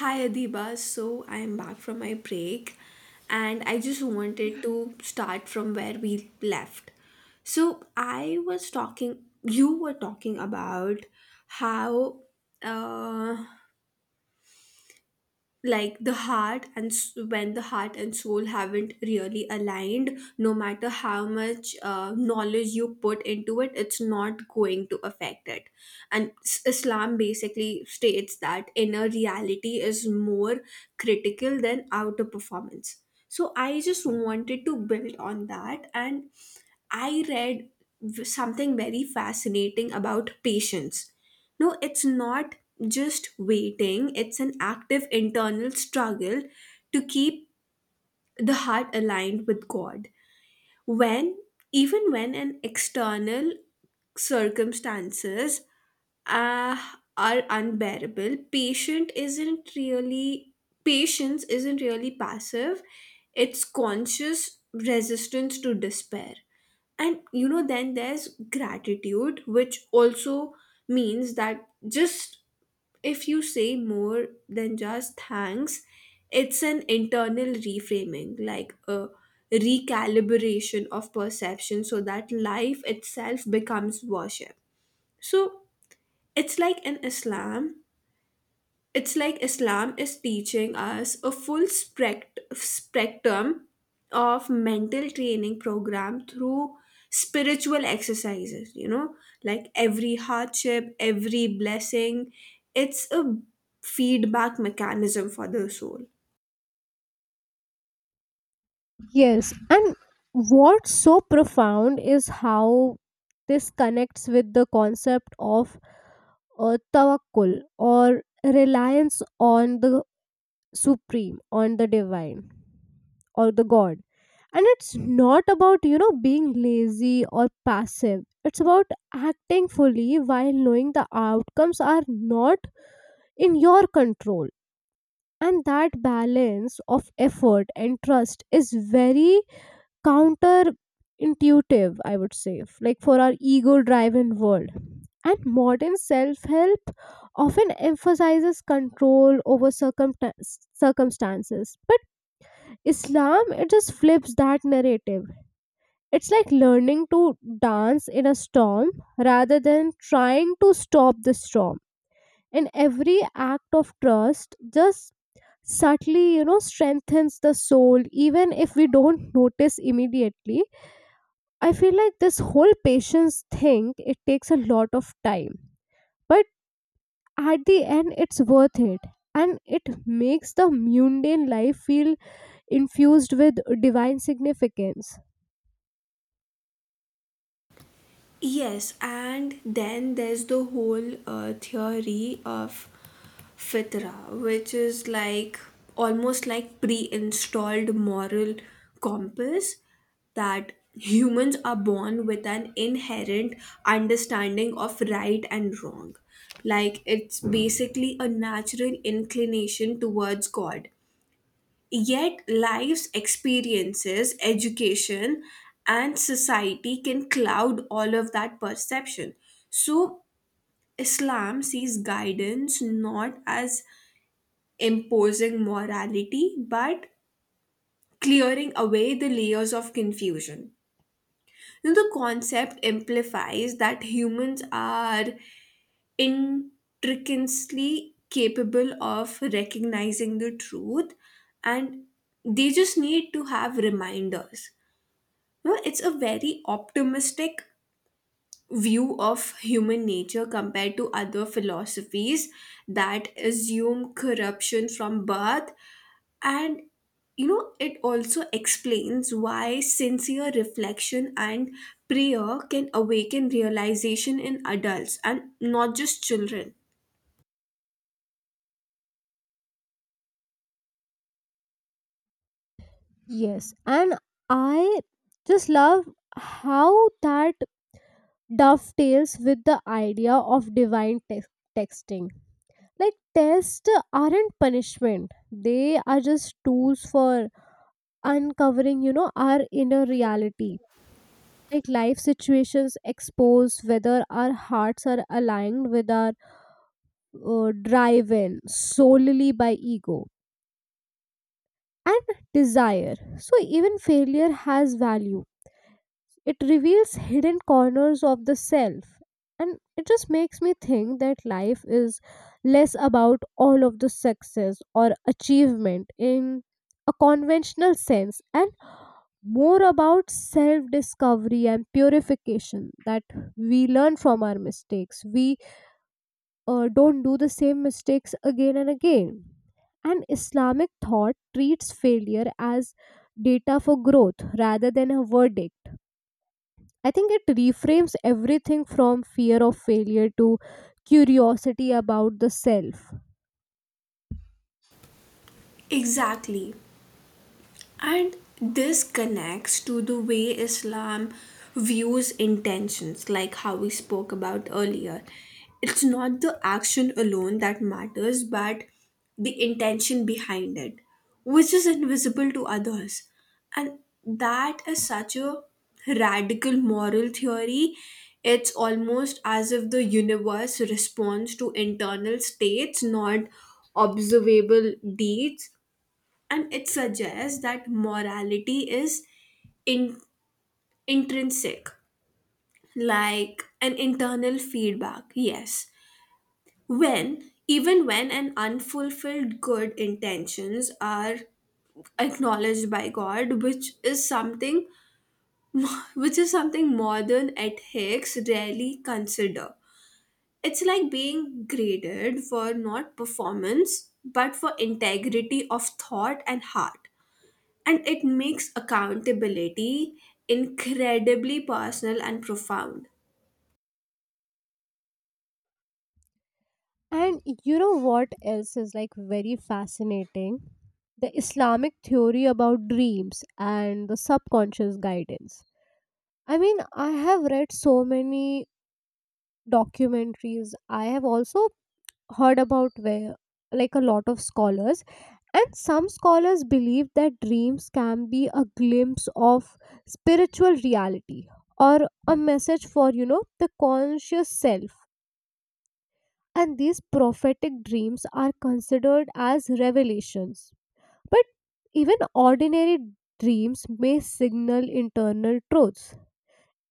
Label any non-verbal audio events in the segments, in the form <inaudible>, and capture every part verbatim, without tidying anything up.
Hi Adiba, so I am back from my break, and I just wanted to start from where we left. So I was talking, you were talking about how uh, like the heart and s- when the heart and soul haven't really aligned no matter how much uh, knowledge you put into it, it's not going to affect it. And s- Islam basically states that inner reality is more critical than outer performance. So I just wanted to build on that. And I read v- something very fascinating about patience. No, it's not just waiting, it's an active internal struggle to keep the heart aligned with God, When, even when an external circumstances uh, are unbearable. Patient isn't really, Patience isn't really passive, it's conscious resistance to despair. And you know then there's gratitude, which also means that, just if you say, more than just thanks, it's an internal reframing, like a recalibration of perception so that life itself becomes worship. So it's like in islam it's like Islam is teaching us a full spect- spectrum of mental training program through spiritual exercises, you know, like every hardship, every blessing, it's a feedback mechanism for the soul. Yes, and what's so profound is how this connects with the concept of uh, tawakkul, or reliance on the supreme, on the divine, or the God. And it's not about, you know, being lazy or passive. It's about acting fully while knowing the outcomes are not in your control. And that balance of effort and trust is very counterintuitive, I would say, f- like, for our ego driven world. And modern self help often emphasizes control over circumta- circumstances. But Islam, it just flips that narrative. It's like learning to dance in a storm rather than trying to stop the storm. And every act of trust just subtly, you know, strengthens the soul, even if we don't notice immediately. I feel like this whole patience thing, it takes a lot of time, but at the end it's worth it, and it makes the mundane life feel infused with divine significance. Yes, and then there's the whole uh, theory of fitra, which is like almost like pre installed moral compass, that humans are born with an inherent understanding of right and wrong. Like, it's basically a natural inclination towards God. Yet life's experiences, education, and society can cloud all of that perception. So Islam sees guidance not as imposing morality, but clearing away the layers of confusion. Now, the concept implies that humans are intrinsically capable of recognizing the truth, and they just need to have reminders. No, it's a very optimistic view of human nature compared to other philosophies that assume corruption from birth. And, you know, it also explains why sincere reflection and prayer can awaken realization in adults and not just children. Yes, and I just love how that dovetails with the idea of divine tex- texting. Like, tests aren't punishment. They are just tools for uncovering, you know, our inner reality. Like life situations expose whether our hearts are aligned with our uh, driven solely by ego and desire. So even failure has value, it reveals hidden corners of the self. And it just makes me think that life is less about all of the success or achievement in a conventional sense, and more about self discovery and purification, that we learn from our mistakes, we uh, don't do the same mistakes again and again. And Islamic thought treats failure as data for growth rather than a verdict. I think it reframes everything from fear of failure to curiosity about the self. Exactly. And this connects to the way Islam views intentions, like how we spoke about earlier. It's not the action alone that matters, but the intention behind it, which is invisible to others. And that is such a radical moral theory. It's almost as if the universe responds to internal states, not observable deeds. And it suggests that morality is in, intrinsic, like an internal feedback. Yes, when even when an unfulfilled good intentions are acknowledged by God, which is something, which is something modern ethics rarely consider. It's like being graded for not performance, but for integrity of thought and heart. And it makes accountability incredibly personal and profound. And you know what else is like very fascinating? The Islamic theory about dreams and the subconscious guidance. I mean, I have read so many documentaries. I have also heard about where like a lot of scholars, and some scholars believe that dreams can be a glimpse of spiritual reality, or a message for, you know, the conscious self, and these prophetic dreams are considered as revelations. But even ordinary dreams may signal internal truths.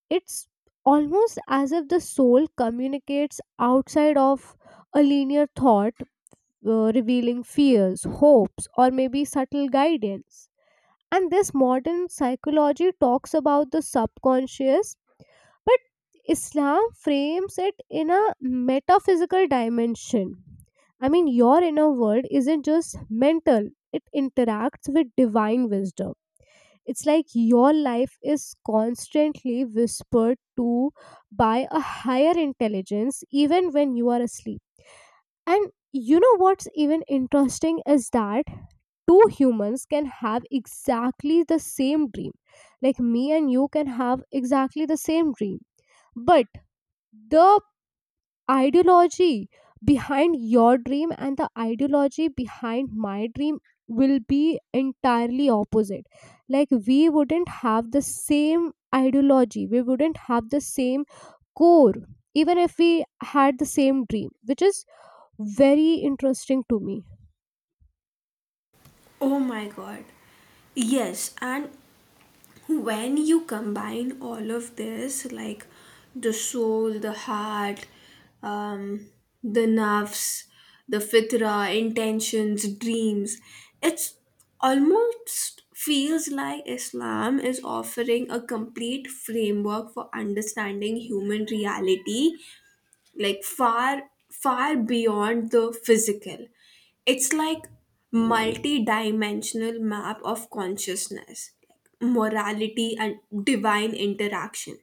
It's almost as if the soul communicates outside of a linear thought, uh, revealing fears, hopes, or maybe subtle guidance. And this modern psychology talks about the subconscious, but Islam frames it in a metaphysical dimension. I mean, your inner world isn't just mental, it interacts with divine wisdom. It's like your life is constantly whispered to by a higher intelligence, even when you are asleep. And you know what's even interesting is that two humans can have exactly the same dream. Like me and you can have exactly the same dream. But the ideology behind your dream and the ideology behind my dream will be entirely opposite. Like we wouldn't have the same ideology, we wouldn't have the same core, even if we had the same dream, which is very interesting to me. Oh my God. Yes, and when you combine all of this, like the soul, the heart, um, the nerves, the fitra, intentions, dreams, it's almost feels like Islam is offering a complete framework for understanding human reality, like far far beyond the physical. It's like multi-dimensional map of consciousness, like morality and divine interaction.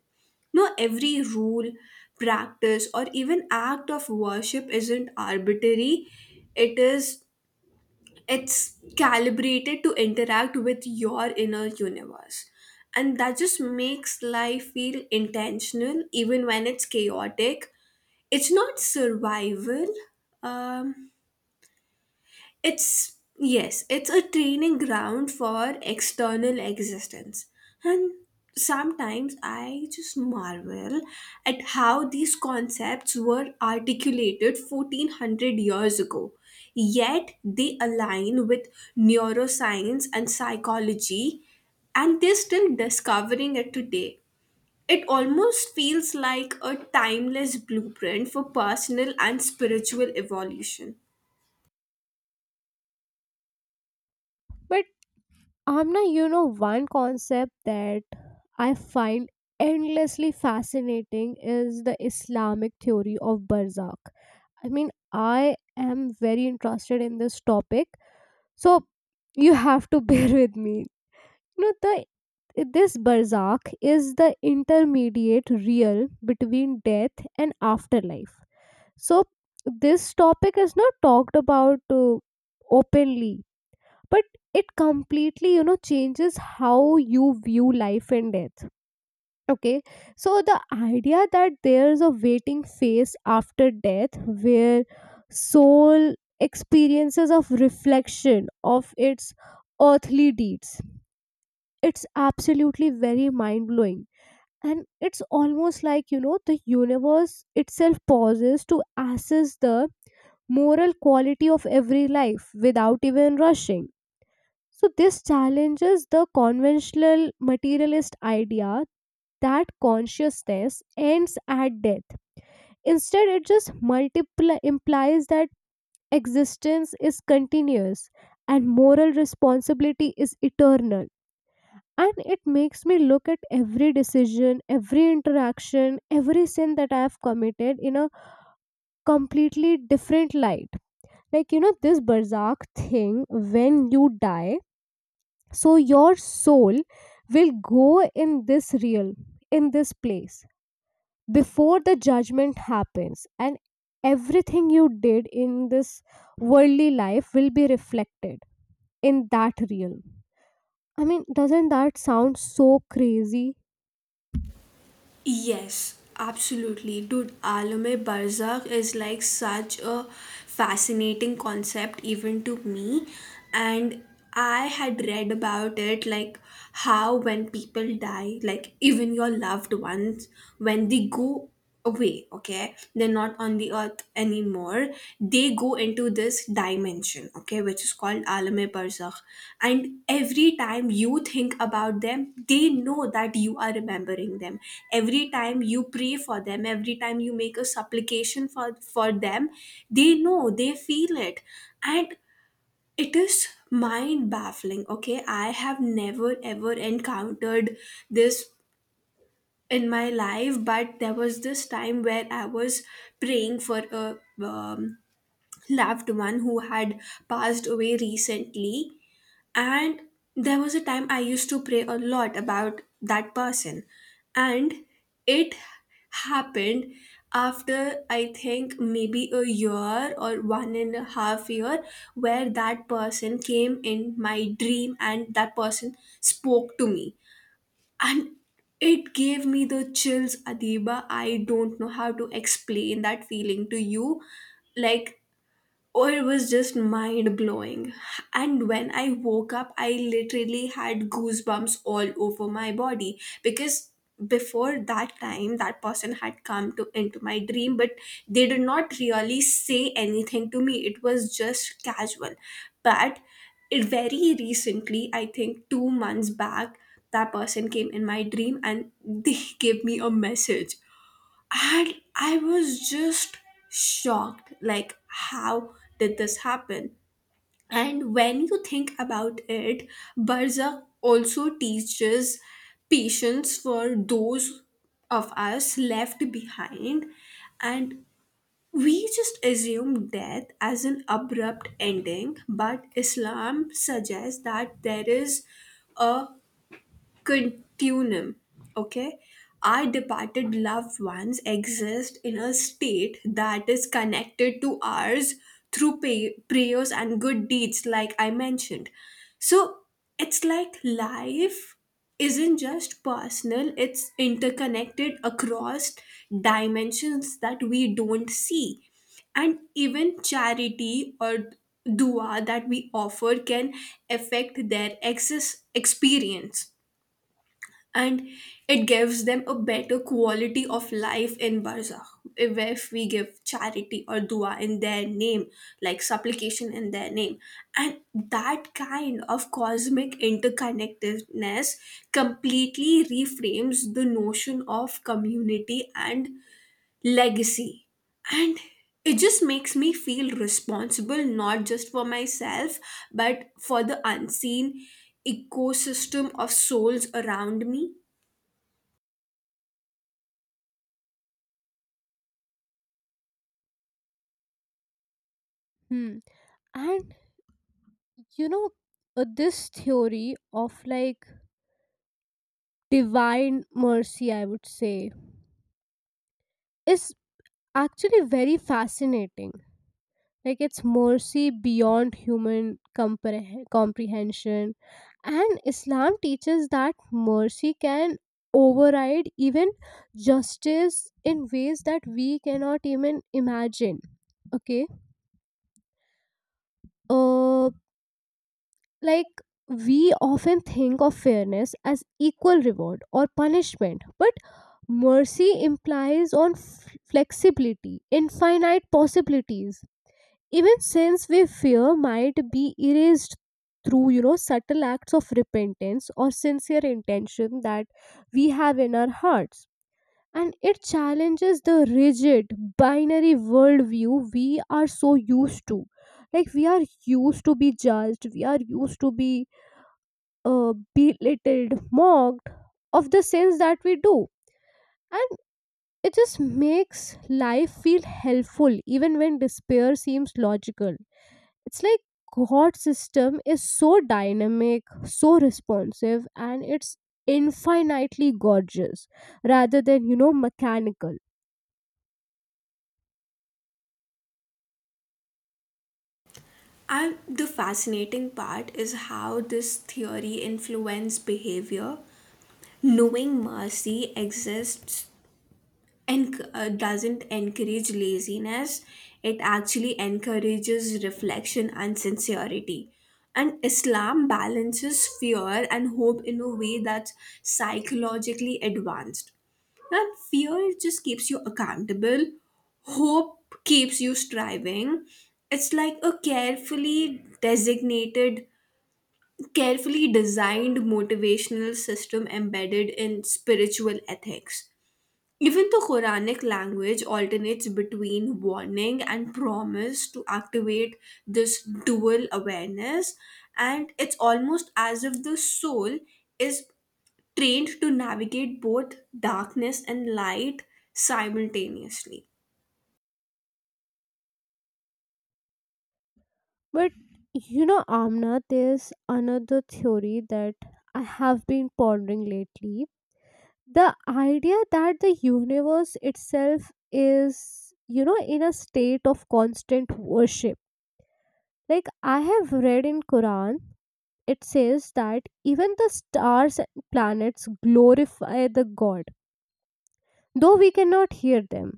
No every rule, practice, or even act of worship isn't arbitrary, it is it's calibrated to interact with your inner universe. And that just makes life feel intentional even when it's chaotic. It's not survival, um, it's, yes, it's a training ground for external existence. And sometimes I just marvel at how these concepts were articulated fourteen hundred years ago, yet they align with neuroscience and psychology, and they're still discovering it today. It almost feels like a timeless blueprint for personal and spiritual evolution. But Amna, you know, one concept that I find endlessly fascinating is the Islamic theory of barzakh. I mean, I am very interested in this topic, so you have to <laughs> bear with me. You know, the This barzakh is the intermediate real between death and afterlife. So this topic is not talked about uh, openly, but it completely, you know, changes how you view life and death. Okay, so the idea that there's a waiting phase after death where soul experiences of reflection of its earthly deeds, it's absolutely very mind blowing. And it's almost like, you know, the universe itself pauses to assess the moral quality of every life without even rushing. So this challenges the conventional materialist idea that consciousness ends at death. Instead it just multiply implies that existence is continuous and moral responsibility is eternal. And it makes me look at every decision, every interaction, every sin that I have committed in a completely different light. Like you know this barzakh thing, when you die, so your soul will go in this real, in this place, before the judgment happens, and everything you did in this worldly life will be reflected in that realm. I mean, doesn't that sound so crazy? Yes, absolutely. Dude, Alame Barzakh is like such a fascinating concept, even to me. And I had read about it, like how when people die, like even your loved ones, when they go away, okay, they're not on the earth anymore, they go into this dimension, okay, which is called Alame Barzakh. And every time you think about them, they know that you are remembering them. Every time you pray for them, every time you make a supplication for for them, they know, they feel it. And it is mind baffling. Okay, I have never ever encountered this in my life, but there was this time where I was praying for a um, loved one who had passed away recently. And there was a time I used to pray a lot about that person. And it happened after, I think, maybe a year or one and a half year, where that person came in my dream and that person spoke to me. And it gave me the chills, Adiba. I don't know how to explain that feeling to you. Like, oh, it was just mind blowing. And when I woke up, I literally had goosebumps all over my body, because before that time, that person had come to into my dream, but they did not really say anything to me. It was just casual. But it very recently, I think two months back, that person came in my dream and they <laughs> gave me a message. And I was just shocked, like, how did this happen? And when you think about it, Barzakh also teaches patience for those of us left behind. And we just assume death as an abrupt ending, but Islam suggests that there is a continuum. Okay, our departed loved ones exist in a state that is connected to ours through pay- prayers and good deeds, like I mentioned. So it's like life isn't just personal, it's interconnected across dimensions that we don't see. And even charity or dua that we offer can affect their access experience, and it gives them a better quality of life in barzakh if we give charity or dua in their name, like supplication in their name. And that kind of cosmic interconnectedness completely reframes the notion of community and legacy. And it just makes me feel responsible not just for myself, but for the unseen ecosystem of souls around me. Hmm. And you know, uh, this theory of like divine mercy, I would say, is actually very fascinating. Like, it's mercy beyond human compre- comprehension. And Islam teaches that mercy can override even justice in ways that we cannot even imagine. Okay. Uh, Like, we often think of fairness as equal reward or punishment, but mercy implies on f- flexibility, infinite possibilities. Even since we fear might be erased through, you know, subtle acts of repentance or sincere intention that we have in our hearts. And it challenges the rigid binary worldview we are so used to. Like we are used to be judged, we are used to be uh, belittled, mocked of the sins that we do. And it just makes life feel helpful even when despair seems logical. It's like God's system is so dynamic, so responsive, and it's infinitely gorgeous rather than, you know, mechanical. And the fascinating part is how this theory influences behavior. Knowing mercy exists and uh, doesn't encourage laziness, it actually encourages reflection and sincerity. And Islam balances fear and hope in a way that's psychologically advanced. And fear just keeps you accountable. Hope keeps you striving. It's like a carefully designated, carefully designed motivational system embedded in spiritual ethics. Even the Quranic language alternates between warning and promise to activate this dual awareness, and it's almost as if the soul is trained to navigate both darkness and light simultaneously. But you know, Amna, there's another theory that I have been pondering lately, the idea that the universe itself is, you know, in a state of constant worship. Like I have read in Quran, it says that even the stars and planets glorify the God, though we cannot hear them.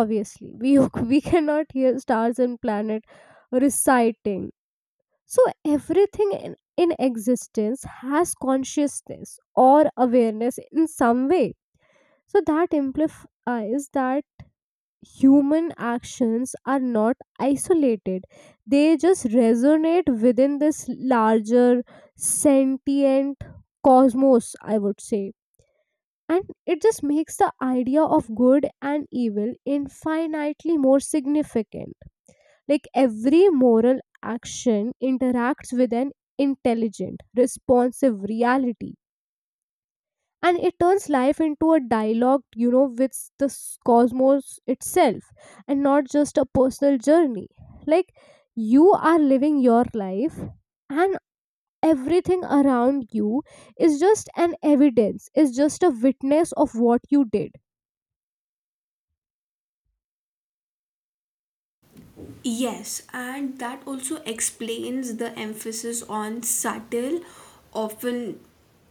Obviously we <laughs> we cannot hear stars and planet reciting. So everything in, in existence has consciousness or awareness in some way. So that implies that human actions are not isolated, they just resonate within this larger sentient cosmos, I would say. And it just makes the idea of good and evil infinitely more significant. Like every moral action interacts with an intelligent responsive reality, and it turns life into a dialogue, you know, with the s- cosmos itself and not just a personal journey. Like, you are living your life and everything around you is just an evidence, is just a witness of what you did. Yes, and that also explains the emphasis on subtle, often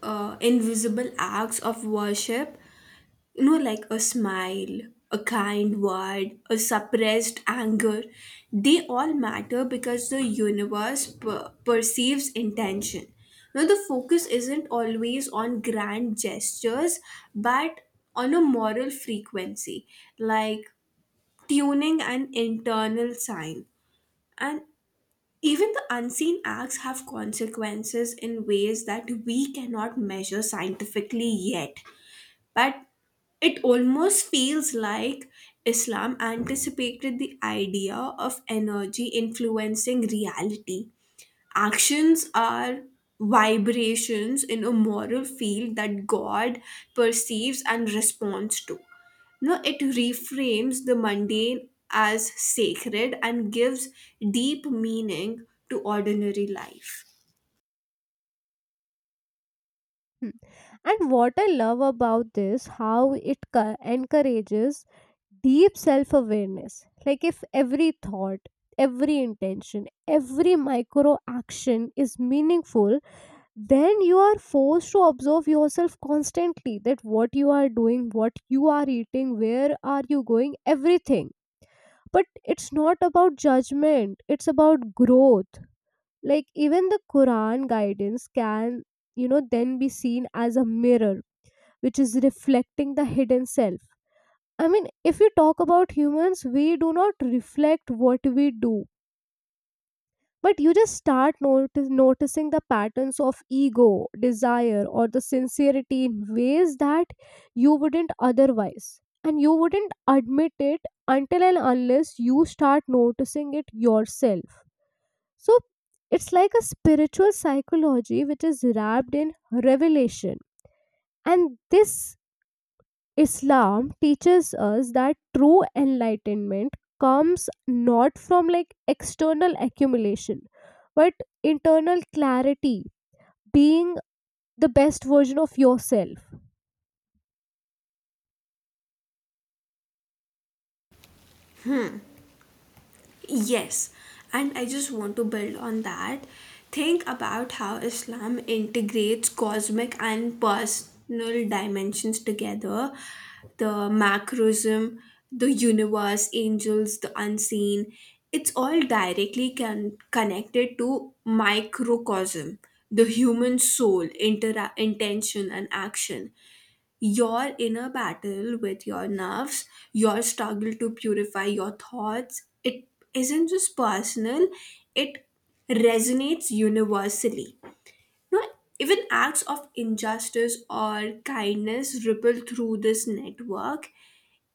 uh, invisible acts of worship. You know, like a smile, a kind word, a suppressed anger, they all matter because the universe per- perceives intention. Now the focus isn't always on grand gestures, but on a moral frequency, like tuning an internal sign. And even the unseen acts have consequences in ways that we cannot measure scientifically yet, but it almost feels like Islam anticipated the idea of energy influencing reality. Actions are vibrations in a moral field that God perceives and responds to. No, it reframes the mundane as sacred and gives deep meaning to ordinary life. Hmm. And what I love about this, how it co- encourages deep self awareness. Like, if every thought, every intention, every micro action is meaningful, then you are forced to observe yourself constantly, that what you are doing, what you are eating, where are you going, everything. But it's not about judgment, it's about growth. Like even the Quran guidance can, you know, then be seen as a mirror, which is reflecting the hidden self. I mean, if we talk about humans, we do not reflect what we do. But you just start notice, noticing the patterns of ego desire or the sincerity in ways that you wouldn't otherwise, and you wouldn't admit it until and unless you start noticing it yourself. So it's like a spiritual psychology which is wrapped in revelation. And this Islam teaches us that true enlightenment comes not from like external accumulation, but internal clarity, being the best version of yourself. Yes, and I just want to build on that. Think about how Islam integrates cosmic and personal dimensions together, the macrosm, the universe, angels, the unseen. It's all directly con- connected to microcosm, the human soul, intera- intention, and action. Your inner battle with your nerves, your struggle to purify your thoughts, it isn't just personal, it resonates universally. Now, even acts of injustice or kindness ripple through this network.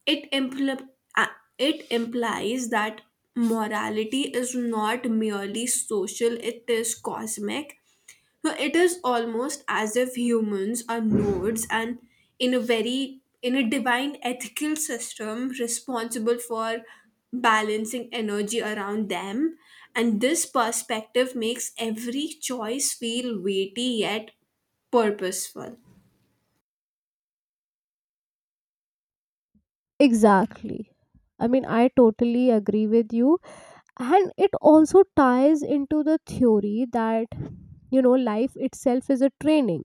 It, impl- uh, it implies that morality is not merely social, it is cosmic. So it is almost as if humans are nodes and in a very in a divine ethical system responsible for balancing energy around them. And this perspective makes every choice feel weighty yet purposeful. Exactly. I mean, I totally agree with you. And it also ties into the theory that, you know, life itself is a training.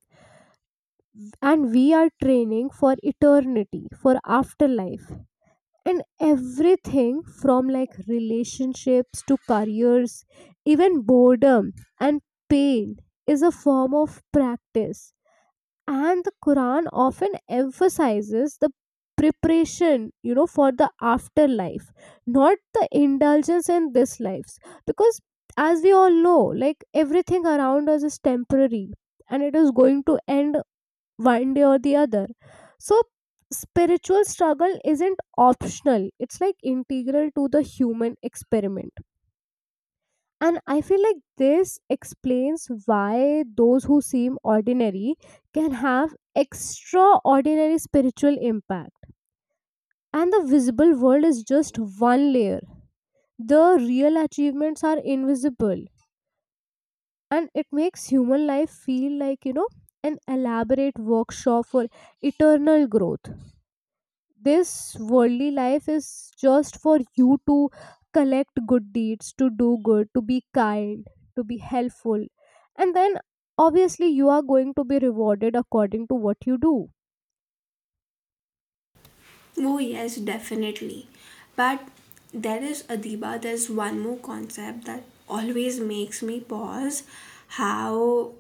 And we are training for eternity, for afterlife. And everything from like relationships to careers, even boredom and pain, is a form of practice. And the Quran often emphasizes the preparation, you know, for the afterlife, not the indulgence in this lives. Because as we all know, like everything around us is temporary and it is going to end one day or the other. So spiritual struggle isn't optional, it's like integral to the human experiment. And I feel like this explains why those who seem ordinary can have extraordinary spiritual impact. And the visible world is just one layer, the real achievements are invisible. And it makes human life feel like, you know, an elaborate workshop for eternal growth. This worldly life is just for you to collect good deeds, to do good, to be kind, to be helpful. And then obviously you are going to be rewarded according to what you do. Oh yes, definitely. But there is, Adiba, there's one more concept that always makes me pause, how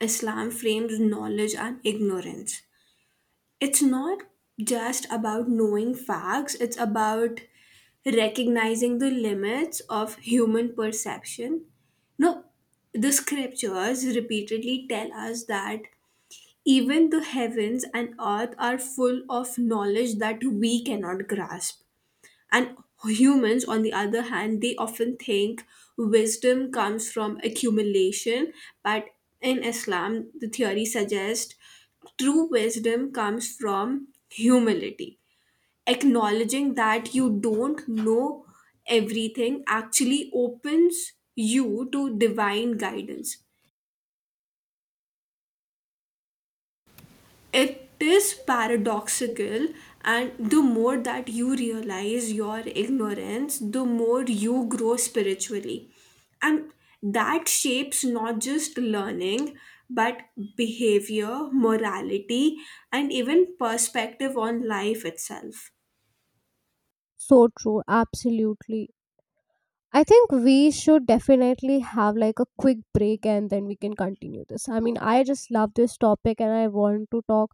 Islam frames knowledge and ignorance. It's not just about knowing facts, it's about recognizing the limits of human perception. No, the scriptures repeatedly tell us that even the heavens and earth are full of knowledge that we cannot grasp. And humans, on the other hand, they often think wisdom comes from accumulation, but in Islam, the theory suggests true wisdom comes from humility. Acknowledging that you don't know everything actually opens you to divine guidance. It is paradoxical, and the more that you realize your ignorance, the more you grow spiritually. And that shapes not just learning, but behavior, morality, and even perspective on life itself. So true, absolutely. I think we should definitely have like a quick break and then we can continue this. I mean, I just love this topic and I want to talk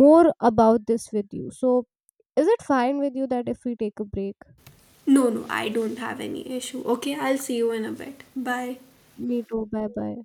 more about this with you. So is it fine with you that if we take a break? No, no, I don't have any issue. Okay, I'll see you in a bit. Bye. Me too. Bye bye.